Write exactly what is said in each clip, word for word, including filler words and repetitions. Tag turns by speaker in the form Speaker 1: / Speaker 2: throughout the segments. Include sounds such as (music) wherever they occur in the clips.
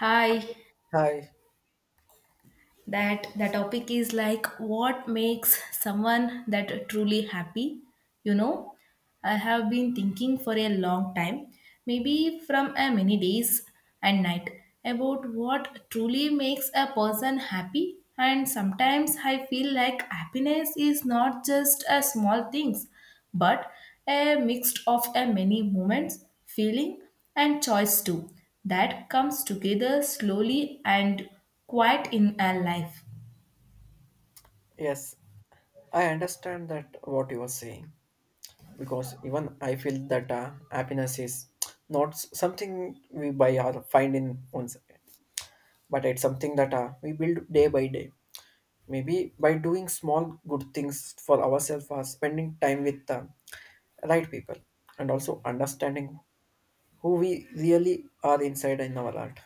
Speaker 1: Hi,
Speaker 2: Hi.
Speaker 1: that the topic is like what makes someone that truly happy. You know, I have been thinking for a long time, maybe from a many days and night, about what truly makes a person happy. And sometimes I feel like happiness is not just a small things, but a mixed of a many moments, feeling and choice too that comes together slowly and quite in our life.
Speaker 2: Yes, I understand that what you are saying because even I feel that uh, happiness is not s- something we buy or find in once, but it's something that uh, we build day by day. Maybe by doing small good things for ourselves or spending time with the right people and also understanding who we really are inside in our heart.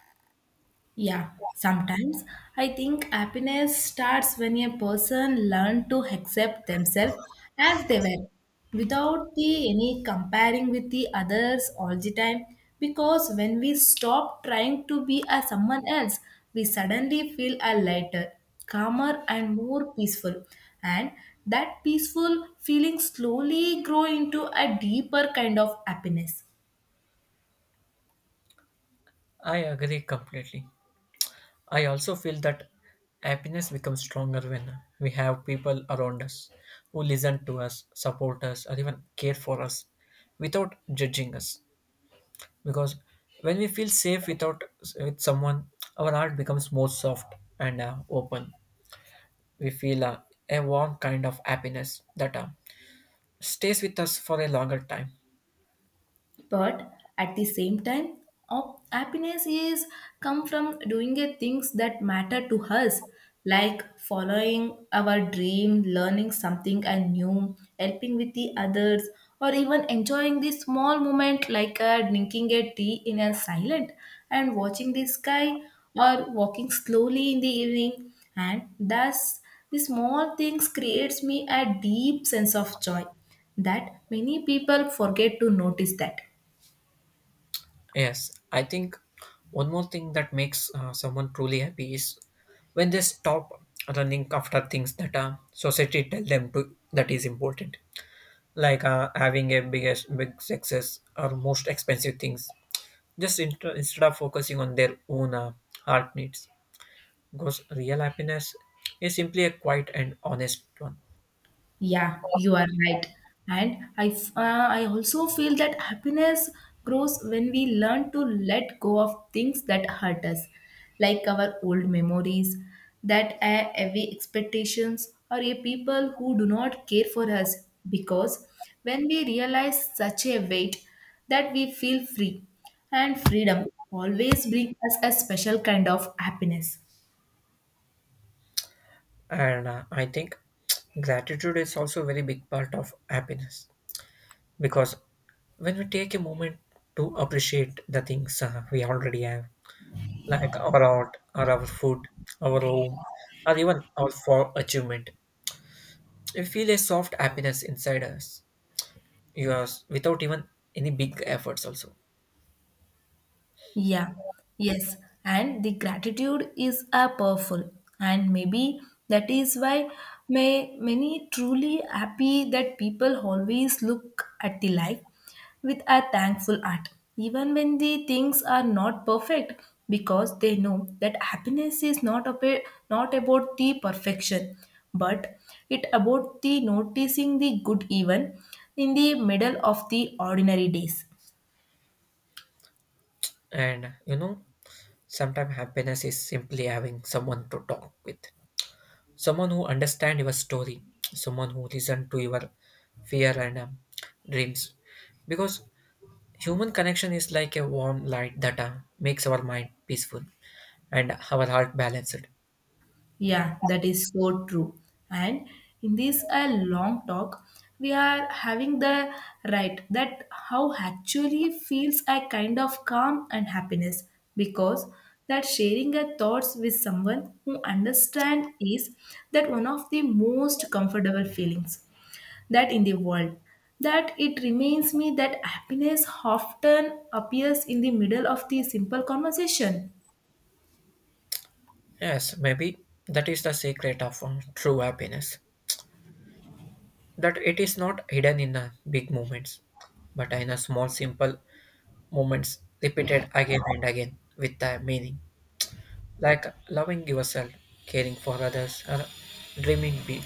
Speaker 1: Yeah, sometimes I think happiness starts when a person learns to accept themselves as they were without the any comparing with the others all the time because when we stop trying to be as someone else we suddenly feel a lighter, calmer and more peaceful, and that peaceful feeling slowly grow into a deeper kind of happiness.
Speaker 2: I agree completely. I also feel that happiness becomes stronger when we have people around us who listen to us, support us, or even care for us without judging us. Because when we feel safe without with someone, our heart becomes more soft and uh, open. We feel uh, a warm kind of happiness that uh, stays with us for a longer time.
Speaker 1: But at the same time, oh, happiness is come from doing a things that matter to us, like following our dream, learning something and new, helping with the others, or even enjoying the small moment like uh, drinking a tea in a silent and watching the sky or walking slowly in the evening, and thus the small things creates me a deep sense of joy that many people forget to notice that.
Speaker 2: Yes, I think one more thing that makes uh, someone truly happy is when they stop running after things that uh, society tell them to that is important, like uh, having a biggest big success or most expensive things. Just int- instead of focusing on their own uh, heart needs, because real happiness is simply a quiet and honest one.
Speaker 1: Yeah, you are right. And I, f- uh, I also feel that happiness grows when we learn to let go of things that hurt us, like our old memories, that uh, heavy expectations, or a people who do not care for us. Because when we realize such a weight, that we feel free, and freedom always brings us a special kind of happiness.
Speaker 2: And uh, I think (tsk) gratitude is also a very big part of happiness because when we take a moment to appreciate the things uh, we already have, like our art, or our food, our home, or even our for achievement, we feel a soft happiness inside us, yours, without even any big efforts also.
Speaker 1: Yeah, yes, and the gratitude is a powerful, and maybe that is why may many truly happy that people always look at the life with a thankful heart, even when the things are not perfect, because they know that happiness is not about not about the perfection, but it about the noticing the good even in the middle of the ordinary days.
Speaker 2: And you know, sometimes happiness is simply having someone to talk with, someone who understand your story, someone who listen to your fear and um, dreams, because human connection is like a warm light that uh, makes our mind peaceful and our heart balanced.
Speaker 1: Yeah, that is so true. And in this uh, long talk, we are having the right that how actually feels a kind of calm and happiness because that sharing our thoughts with someone who understand is that one of the most comfortable feelings that in the world that it reminds me that happiness often appears in the middle of the simple conversation.
Speaker 2: Yes, maybe that is the secret of uh, true happiness. That it is not hidden in the big moments, but in the small, simple moments repeated again and again with the meaning. Like loving yourself, caring for others, or dreaming big,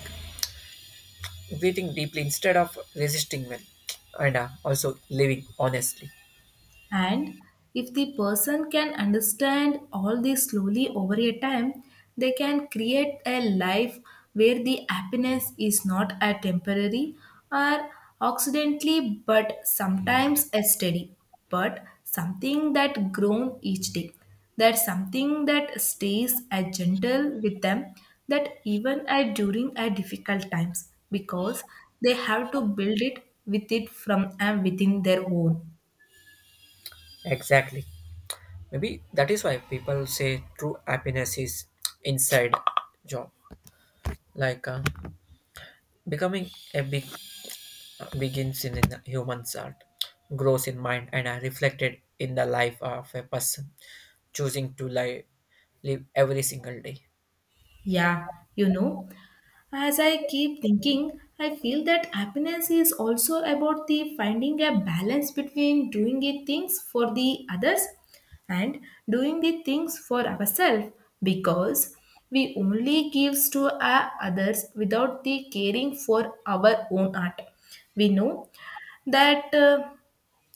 Speaker 2: breathing deeply instead of resisting well, and uh, also living honestly.
Speaker 1: And if the person can understand all this slowly over a time, they can create a life where the happiness is not a temporary or accidentally, but sometimes a steady, but something that grown each day. That's something that stays a gentle with them that even at during a difficult times because they have to build it with it from and within their own.
Speaker 2: Exactly. Maybe that is why people say true happiness is inside job. Like uh, becoming a big uh, begins in, in the human's heart, grows in mind, and are reflected in the life of a person choosing to live, live every single day.
Speaker 1: Yeah, you know, as I keep thinking, I feel that happiness is also about the finding a balance between doing the things for the others and doing the things for ourselves because we only gives to our others without the caring for our own heart. We know that uh,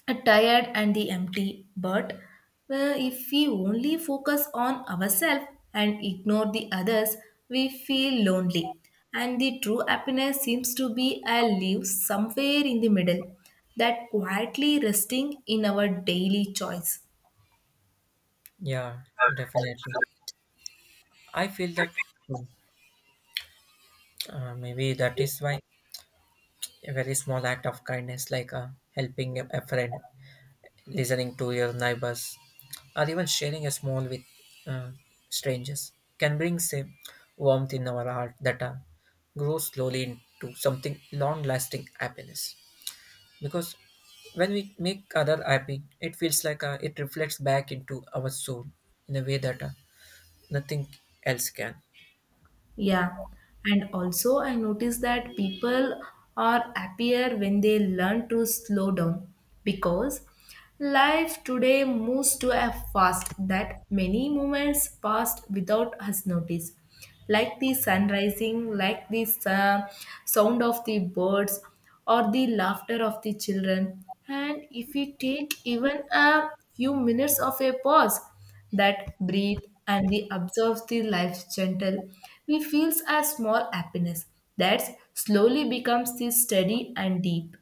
Speaker 1: are tired and the empty, but uh, if we only focus on ourselves and ignore the others we feel lonely and the true happiness seems to be a live somewhere in the middle that quietly resting in our daily choice.
Speaker 2: Yeah, definitely. I feel that uh, maybe that is why a very small act of kindness, like uh, helping a a friend, listening to your neighbors, or even sharing a small with uh, strangers can bring same warmth in our heart that uh, grows slowly into something long lasting happiness because when we make other happy it feels like uh, it reflects back into our soul in a way that uh, nothing else can.
Speaker 1: Yeah, and also I notice that people are happier when they learn to slow down because life today moves to a fast that many moments passed without us notice, like the sun rising, like the uh, sound of the birds, or the laughter of the children. And if we take even a few minutes of a pause, that breathe and we observe the life's gentle, we feels a small happiness that slowly becomes the steady and deep.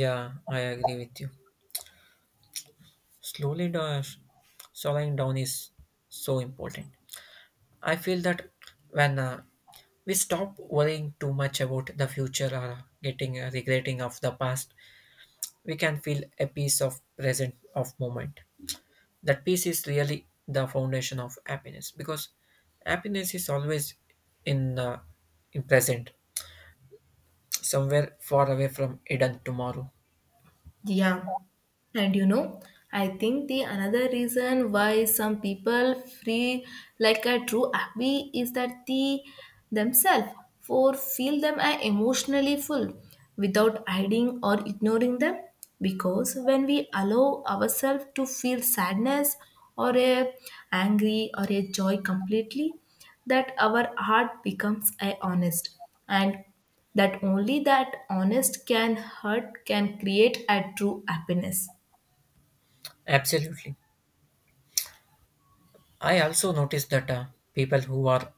Speaker 2: Yeah, I agree with you. Slowly dash slowing down is so important. I feel that when uh, we stop worrying too much about the future or getting a regretting of the past we can feel a piece of present of moment. That peace is really the foundation of happiness because happiness is always in uh, in present somewhere far away from hidden tomorrow.
Speaker 1: Yeah. And you know, I think the another reason why some people feel like a true happy is that the themselves for feel them are emotionally full without hiding or ignoring them because when we allow ourselves to feel sadness or a angry or a joy completely that our heart becomes a honest and that only that honest can hurt can create a true happiness.
Speaker 2: Absolutely. I also noticed that uh, people who are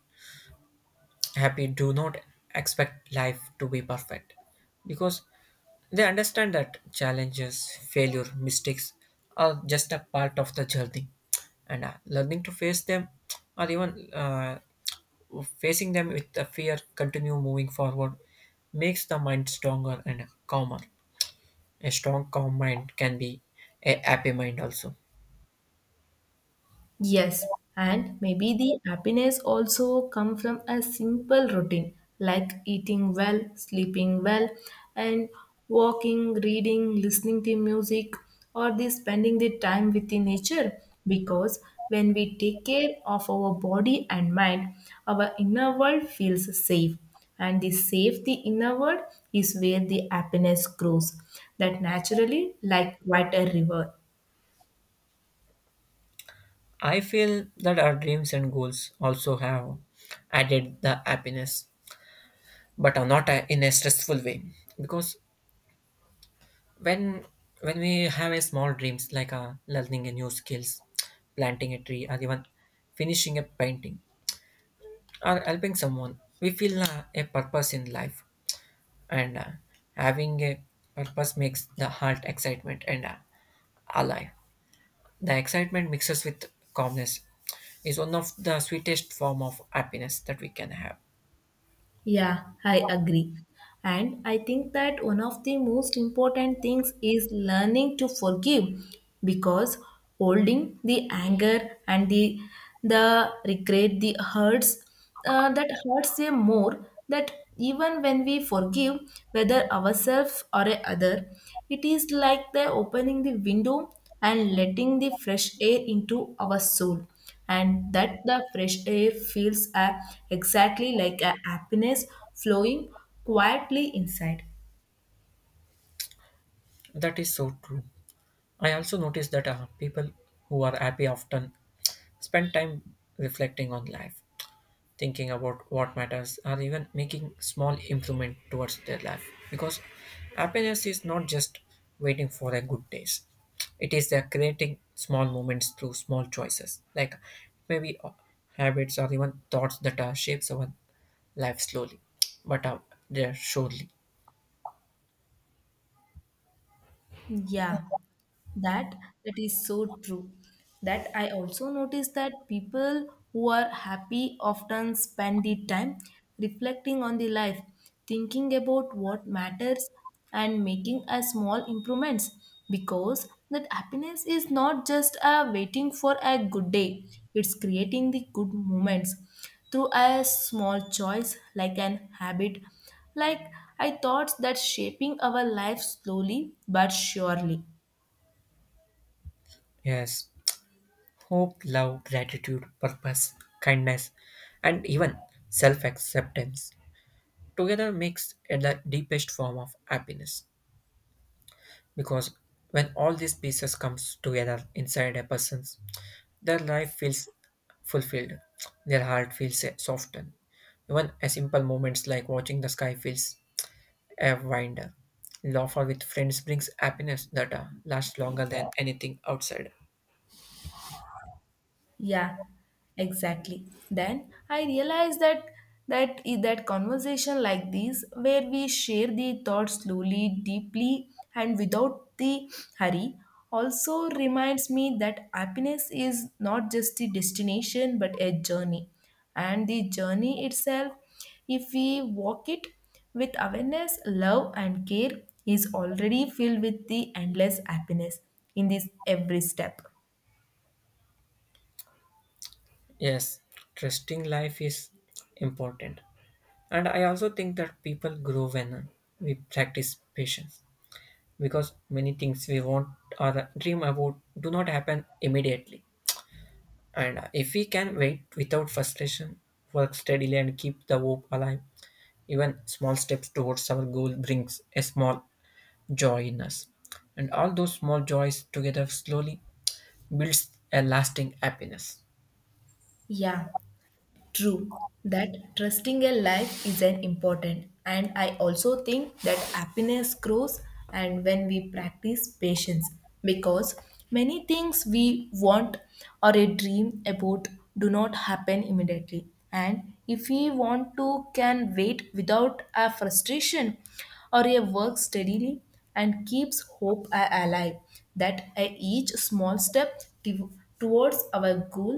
Speaker 2: happy do not expect life to be perfect because they understand that challenges, failure, mistakes are just a part of the journey, and uh, learning to face them or even uh, facing them with the fear, continue moving forward makes the mind stronger and calmer. A strong, calm mind can be a happy mind also.
Speaker 1: Yes, and maybe the happiness also come from a simple routine like eating well, sleeping well, and walking, reading, listening to music, or the spending the time with the nature. Because when we take care of our body and mind, our inner world feels safe and the safe the inner world is where the happiness grows that naturally like quite a river.
Speaker 2: I feel that our dreams and goals also have added the happiness but uh, not a, in a stressful way because when when we have a small dreams like uh, learning a new skills planting a tree or even finishing a painting or helping someone we feel uh, a purpose in life and uh, having a purpose makes the heart excitement and uh, alive. The excitement mixes with calmness is one of the sweetest form of happiness that we can have.
Speaker 1: Yeah, I agree. And I think that one of the most important things is learning to forgive because holding the anger and the the regret, the hurts uh, that hurts them more that even when we forgive whether ourselves or a other, it is like the opening the window and letting the fresh air into our soul, and that the fresh air feels uh, exactly like a happiness flowing quietly inside.
Speaker 2: That is so true. I also noticed that uh, people who are happy often spend time reflecting on life, thinking about what matters, or even making small improvement towards their life. Because happiness is not just waiting for a good days; it is the creating small moments through small choices, like maybe uh, habits or even thoughts that uh, shapes our life slowly, but uh, they're surely.
Speaker 1: Yeah, That that is so true. That I also noticed that people who are happy often spend the time reflecting on the life, thinking about what matters and making a small improvements because that happiness is not just a waiting for a good day, it's creating the good moments through a small choice like an habit like I thought that shaping our life slowly but surely.
Speaker 2: Yes, hope, love, gratitude, purpose, kindness, and even self acceptance together makes it the deepest form of happiness. Because when all these pieces comes together inside a person's, their life feels fulfilled, their heart feels softened. Even a simple moments like watching the sky feels a wonder. Laughter with friends brings happiness that uh, lasts longer than anything outside.
Speaker 1: Yeah, exactly. Then I realized that that that conversation like this, where we share the thoughts slowly, deeply, and without the hurry, also reminds me that happiness is not just a destination but a journey, and the journey itself, if we walk it with awareness, love, and care, is already filled with the endless happiness in this every step.
Speaker 2: Yes, trusting life is important. And I also think that people grow when uh, we practice patience because many things we want or dream about do not happen immediately. And uh, if we can wait without frustration, work steadily, and keep the hope alive, even small steps towards our goal brings a small joy in us. And all those small joys together slowly builds a lasting happiness.
Speaker 1: Yeah. True, that trusting a life is an important, and I also think that happiness grows and when we practice patience because many things we want or a dream about do not happen immediately and if we want to can wait without a frustration or a work steadily and keeps hope a- alive that a each small step to- towards our goal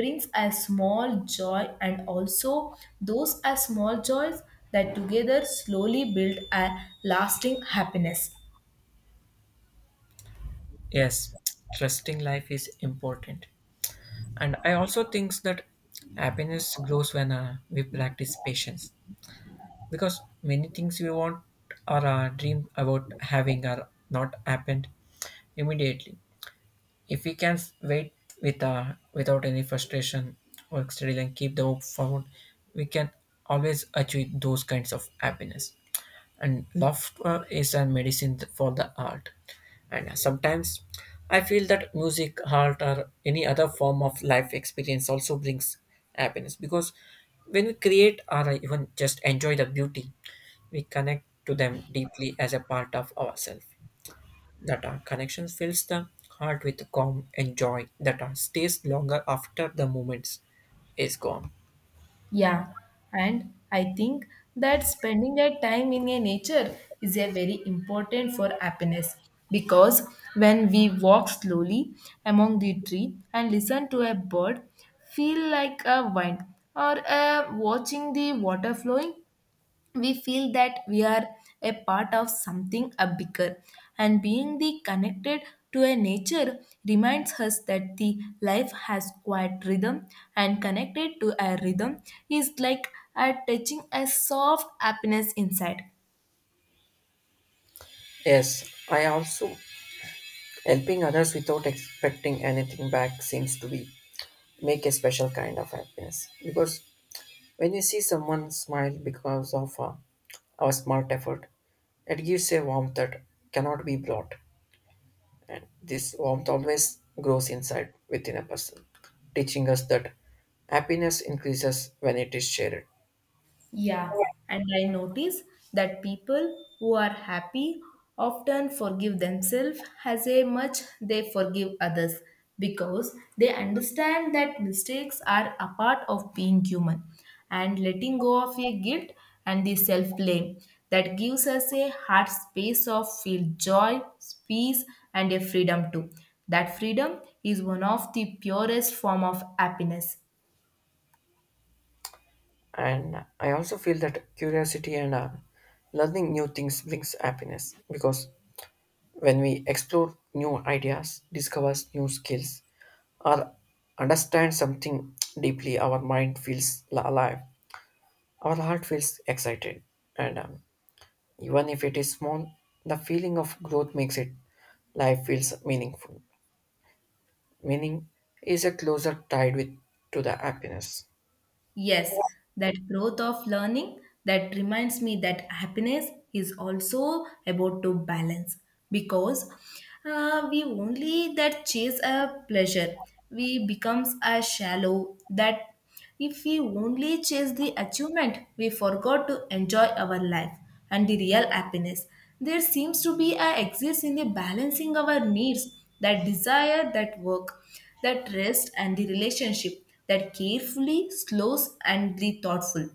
Speaker 1: brings a small joy and also those are small joys that together slowly build a lasting happiness.
Speaker 2: Yes, trusting life is important. And I also think that happiness grows when uh, we practice patience because many things we want or uh, dream about having are not happened immediately. If we can wait with uh, without any frustration or steady and keep the hope forward, we can always achieve those kinds of happiness. And laughter is a medicine for the heart. And uh, sometimes I feel that music, art, or any other form of life experience also brings happiness because when we create or even just enjoy the beauty, we connect to them deeply as a part of ourselves that our connection fills the heart with calm and joy that our stays longer after the moment is gone.
Speaker 1: Yeah, and I think that spending that time in a nature is a very important for happiness because when we walk slowly among the tree and listen to a bird, feel like a wind or uh, watching the water flowing, we feel that we are a part of something a bigger and being the connected to a nature reminds us that the life has quiet rhythm and connected to a rhythm is like a touching a soft happiness inside.
Speaker 2: Yes, I also helping others without expecting anything back seems to be make a special kind of happiness because when you see someone smile because of uh, our smart effort, it gives a warmth that cannot be brought, and this warmth always grows inside within a person, teaching us that happiness increases when it is shared.
Speaker 1: Yeah, and I notice that people who are happy often forgive themselves as a much they forgive others because they understand that mistakes are a part of being human and letting go of a guilt and the self blame that gives us a heart space of feel joy, peace and a freedom too. That freedom is one of the purest form of happiness.
Speaker 2: And I also feel that curiosity and uh, learning new things brings happiness because when we explore new ideas, discovers new skills, or understand something deeply, our mind feels la- alive, our heart feels excited, and um, even if it is small, the feeling of growth makes it life feels meaningful. Meaning is a closer tied with to the happiness.
Speaker 1: Yes, that growth of learning that reminds me that happiness is also about to balance because uh, we only that chase a pleasure we becomes a shallow that if we only chase the achievement we forgot to enjoy our life and the real happiness there seems to be a exist in the balancing our needs that desire that work that rest and the relationship that carefully, slows, and be thoughtful.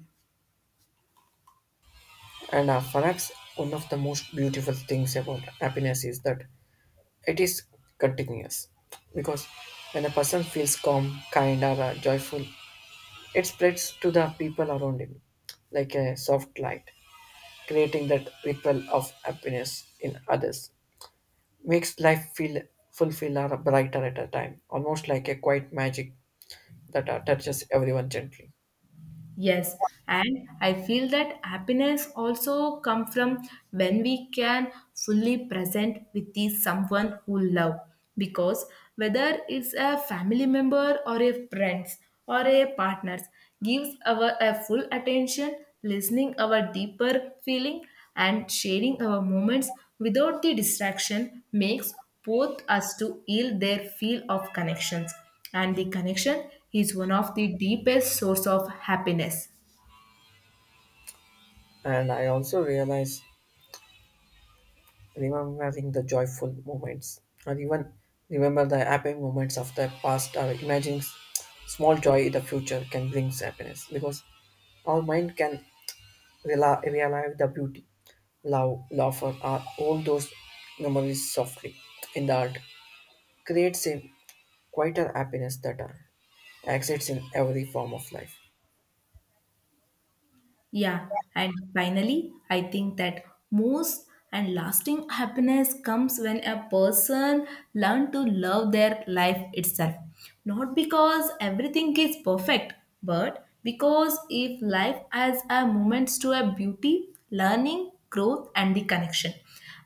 Speaker 2: And uh, perhaps one of the most beautiful things about happiness is that it is contagious because when a person feels calm, kind, or uh, joyful, it spreads to the people around him like a soft light, creating that ripple of happiness in others. Makes life feel fulfilled or brighter at a time, almost like a quiet magic that uh, touches everyone gently.
Speaker 1: Yes, and I feel that happiness also come from when we can fully present with the someone who love because whether it's a family member or a friends or a partners gives our a full attention listening our deeper feeling and sharing our moments without the distraction makes both us to yield their feel of connections and the connection is one of the deepest source of happiness.
Speaker 2: And I also realize remembering the joyful moments, or even remember the happy moments of the past, or imagining s- small joy in the future can bring happiness because our mind can rela- realize the beauty, love, laughter, or all those memories softly in the heart creates a quieter happiness that uh, exists in every form of life.
Speaker 1: Yeah, and finally I think that most and lasting happiness comes when a person learn to love their life itself not because everything is perfect but because if life has a moments to a beauty learning growth and the connection.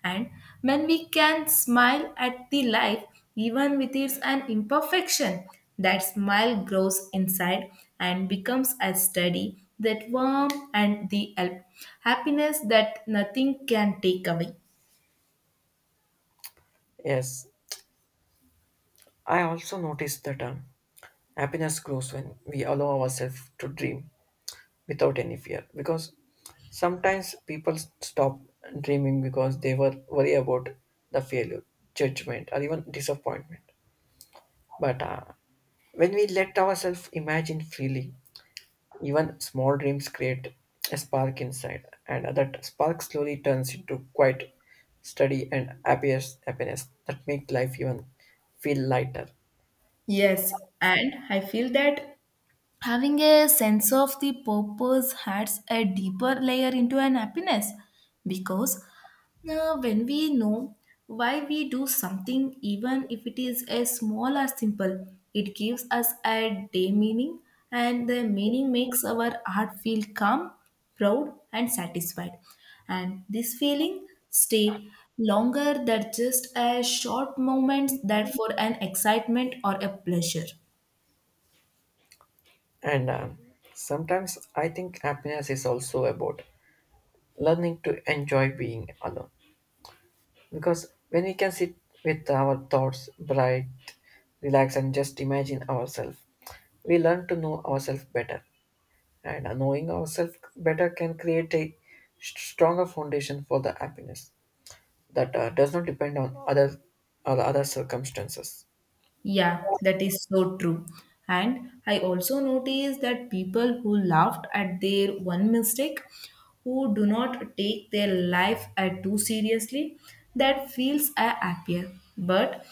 Speaker 1: And when we can smile at the life, even with its an imperfection, that smile grows inside and becomes a steady, that warm and the hap- happiness that nothing can take away.
Speaker 2: Yes, I also noticed that uh, happiness grows when we allow ourselves to dream without any fear because sometimes people stop dreaming because they were worry about the failure, judgment, or even disappointment. But uh, when we let ourselves imagine freely, even small dreams create a spark inside, and that spark slowly turns into quiet, steady, and happiest happiness that make life even feel lighter.
Speaker 1: Yes, and I feel that having a sense of the purpose adds a deeper layer into an happiness because uh, when we know why we do something even if it is as small or simple it gives us a day meaning and the meaning makes our heart feel calm, proud and satisfied and this feeling stay longer than just a short moments that for an excitement or a pleasure.
Speaker 2: And um, sometimes I think happiness is also about learning to enjoy being alone. Because when we can sit with our thoughts, bright, relax, and just imagine ourselves, we learn to know ourselves better. And knowing ourselves better can create a st- stronger foundation for the happiness that uh, does not depend on other or other circumstances.
Speaker 1: Yeah, that is so true. And I also noticed that people who laughed at their one mistake, who do not take their life at too seriously, that feels are happier. But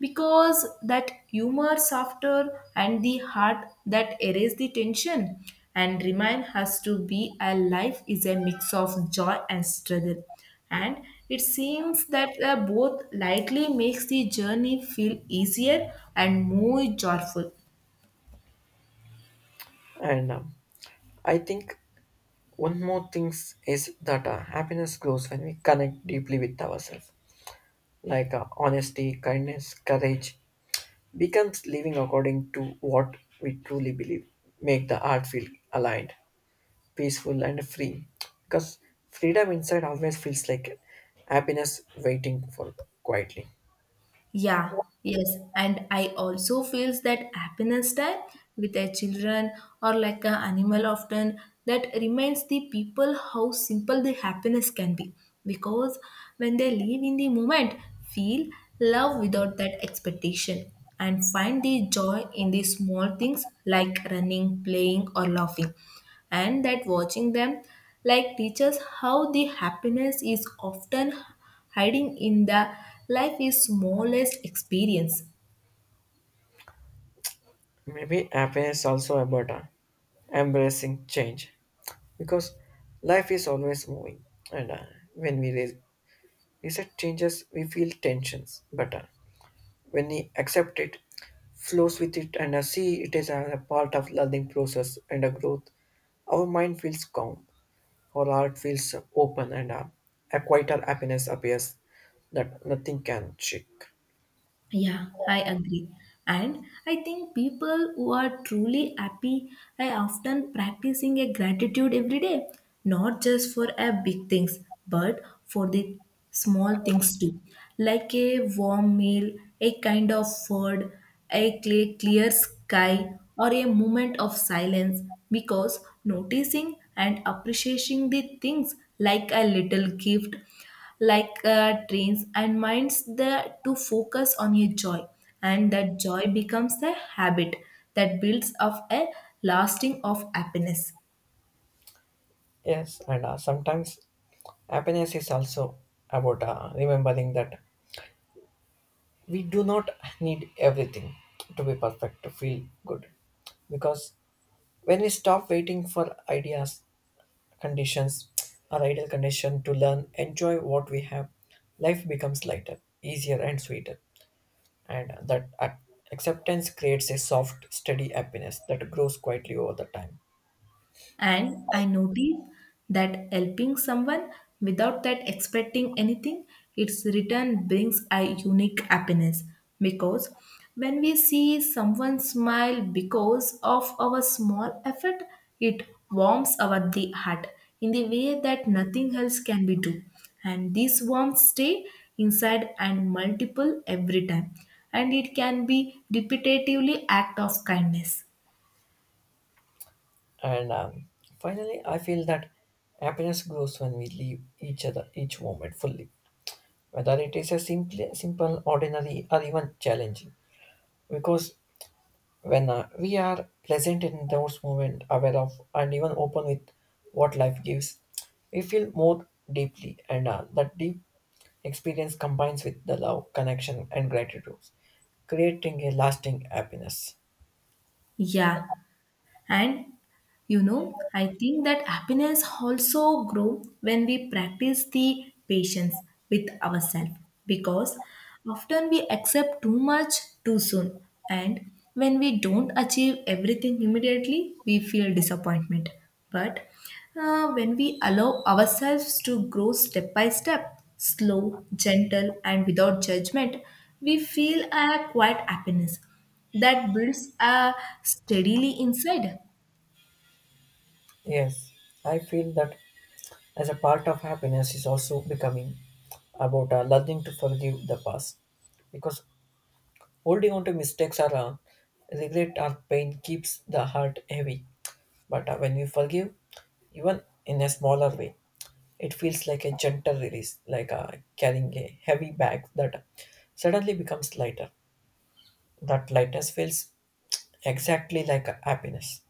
Speaker 1: because that humor softer and the heart that erase the tension and remind us to be alive is a mix of joy and struggle and it seems that uh, both likely makes the journey feel easier and more joyful.
Speaker 2: And um, I think one more thing is that uh, happiness grows when we connect deeply with ourselves, like uh, honesty, kindness, courage, becomes living according to what we truly believe make the art feel aligned peaceful and free because freedom inside always feels like happiness waiting for quietly.
Speaker 1: Yeah, yes. And I also feels that happiness time with their children or like an animal often that reminds the people how simple the happiness can be. Because when they live in the moment, feel love without that expectation and find the joy in the small things like running, playing or laughing. And that watching them like teaches how the happiness is often hiding in the life is smallest experience.
Speaker 2: Maybe happiness also about uh, embracing change because life is always moving and uh, when we re- reset changes we feel tensions but uh, when we accept it, flows with it, and uh, see it as a part of learning process and a growth, our mind feels calm, our heart feels open, and uh, a quieter happiness appears that nothing can shake.
Speaker 1: Yeah, I agree. And I think people who are truly happy are often practicing a gratitude every day, not just for a big things, but for the small things too, like a warm meal, a kind of food, a clear, clear sky, or a moment of silence. Because noticing and appreciating the things like a little gift like uh, trains and minds the to focus on your joy and that joy becomes a habit that builds up a lasting of happiness.
Speaker 2: Yes, and uh, sometimes happiness is also about uh, remembering that we do not need everything to be perfect to feel good. Because when we stop waiting for ideas conditions are ideal condition to learn, enjoy what we have. Life becomes lighter, easier, and sweeter. And that ac- acceptance creates a soft, steady happiness that grows quietly over the time.
Speaker 1: And I noticed that helping someone without that expecting anything, its return brings a unique happiness because when we see someone smile because of our small effort, it warms our the heart in the way that nothing else can be do. And these warmth stay inside and multiple every time. And it can be repetitively act of kindness.
Speaker 2: And um, finally, I feel that happiness grows when we leave each other each moment fully, whether it is a simple, simple, ordinary, or even challenging. Because when uh, we are present in those moments, aware of, and even open with what life gives, we feel more deeply, and uh, that deep experience combines with the love, connection, and gratitude, creating a lasting happiness.
Speaker 1: Yeah, and you know I think that happiness also grow when we practice the patience with ourselves because often we accept too much too soon and when we don't achieve everything immediately we feel disappointment but uh, when we allow ourselves to grow step by step slow gentle and without judgment we feel a quiet happiness that builds uh, steadily inside.
Speaker 2: Yes, I feel that as a part of happiness is also becoming about uh, learning to forgive the past, because holding on to mistakes or uh, regret or pain keeps the heart heavy. But uh, when we forgive, even in a smaller way, it feels like a gentle release, like uh, carrying a heavy bag that suddenly becomes lighter. That lightness feels exactly like happiness.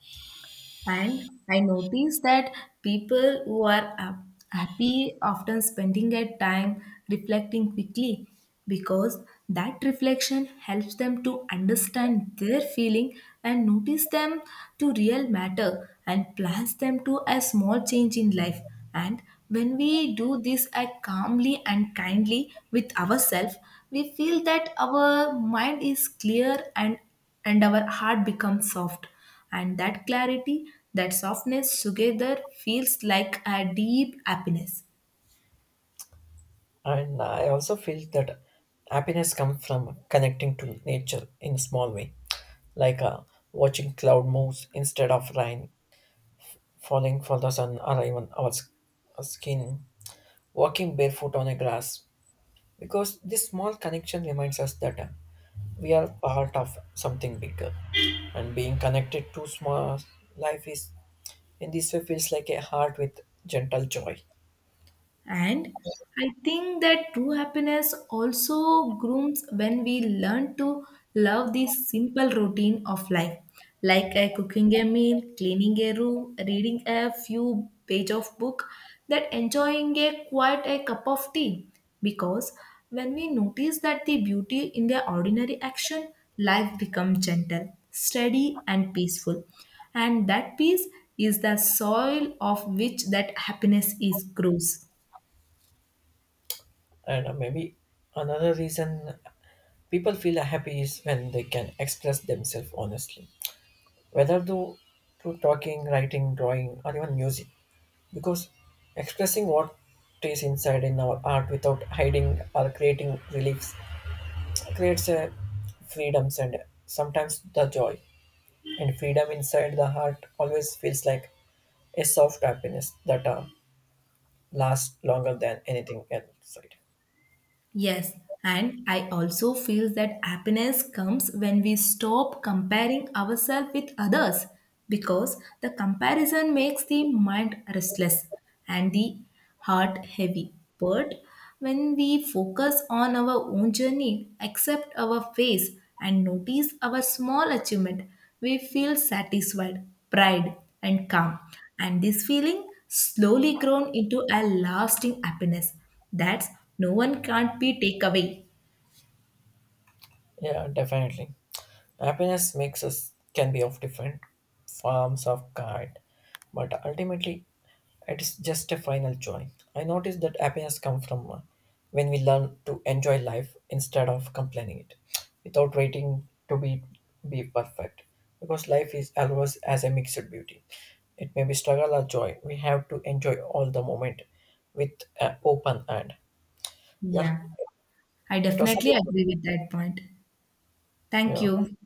Speaker 1: And I notice that people who are hap- happy often spending their time reflecting quickly because that reflection helps them to understand their feeling and notice them to real matter and plans them to a small change in life and when we do this act calmly and kindly with ourselves we feel that our mind is clear and and our heart becomes soft. And that clarity, that softness together feels like a deep happiness.
Speaker 2: And I also feel that happiness comes from connecting to nature in a small way, like uh, watching cloud moves instead of rain, falling for the sun, or even our s- our skin, walking barefoot on a grass. Because this small connection reminds us that uh, we are part of something bigger and being connected to small life is in this way feels like a heart with gentle joy.
Speaker 1: And I think that true happiness also grooms when we learn to love the simple routine of life, like uh, cooking a meal, cleaning a room, reading a few page of book, that enjoying a quiet a cup of tea. Because when we notice that the beauty in the ordinary action, life becomes gentle, steady, and peaceful. And that peace is the soil of which that happiness is grows.
Speaker 2: And uh, maybe another reason people feel happy is when they can express themselves honestly whether though through talking writing drawing or even music because expressing what is inside in our art without hiding or creating reliefs creates a freedoms and sometimes the joy. And freedom inside the heart always feels like a soft happiness that uh, lasts longer than anything outside.
Speaker 1: Yes, and I also feel that happiness comes when we stop comparing ourselves with others because the comparison makes the mind restless and the heart heavy. But when we focus on our own journey, accept our phase, and notice our small achievement, we feel satisfied, pride, and calm. And this feeling slowly grown into a lasting happiness that's no one can't be take away.
Speaker 2: Yeah, definitely. Happiness makes us can be of different forms of kind, but ultimately it's just a final joy. I noticed that happiness comes from uh, when we learn to enjoy life instead of complaining it, without waiting to be be perfect. Because life is always as a mixed beauty. It may be struggle or joy. We have to enjoy all the moment with an open hand. Yeah,
Speaker 1: Yeah. I
Speaker 2: it was.
Speaker 1: definitely agree with that point. Thank
Speaker 2: Yeah.
Speaker 1: you.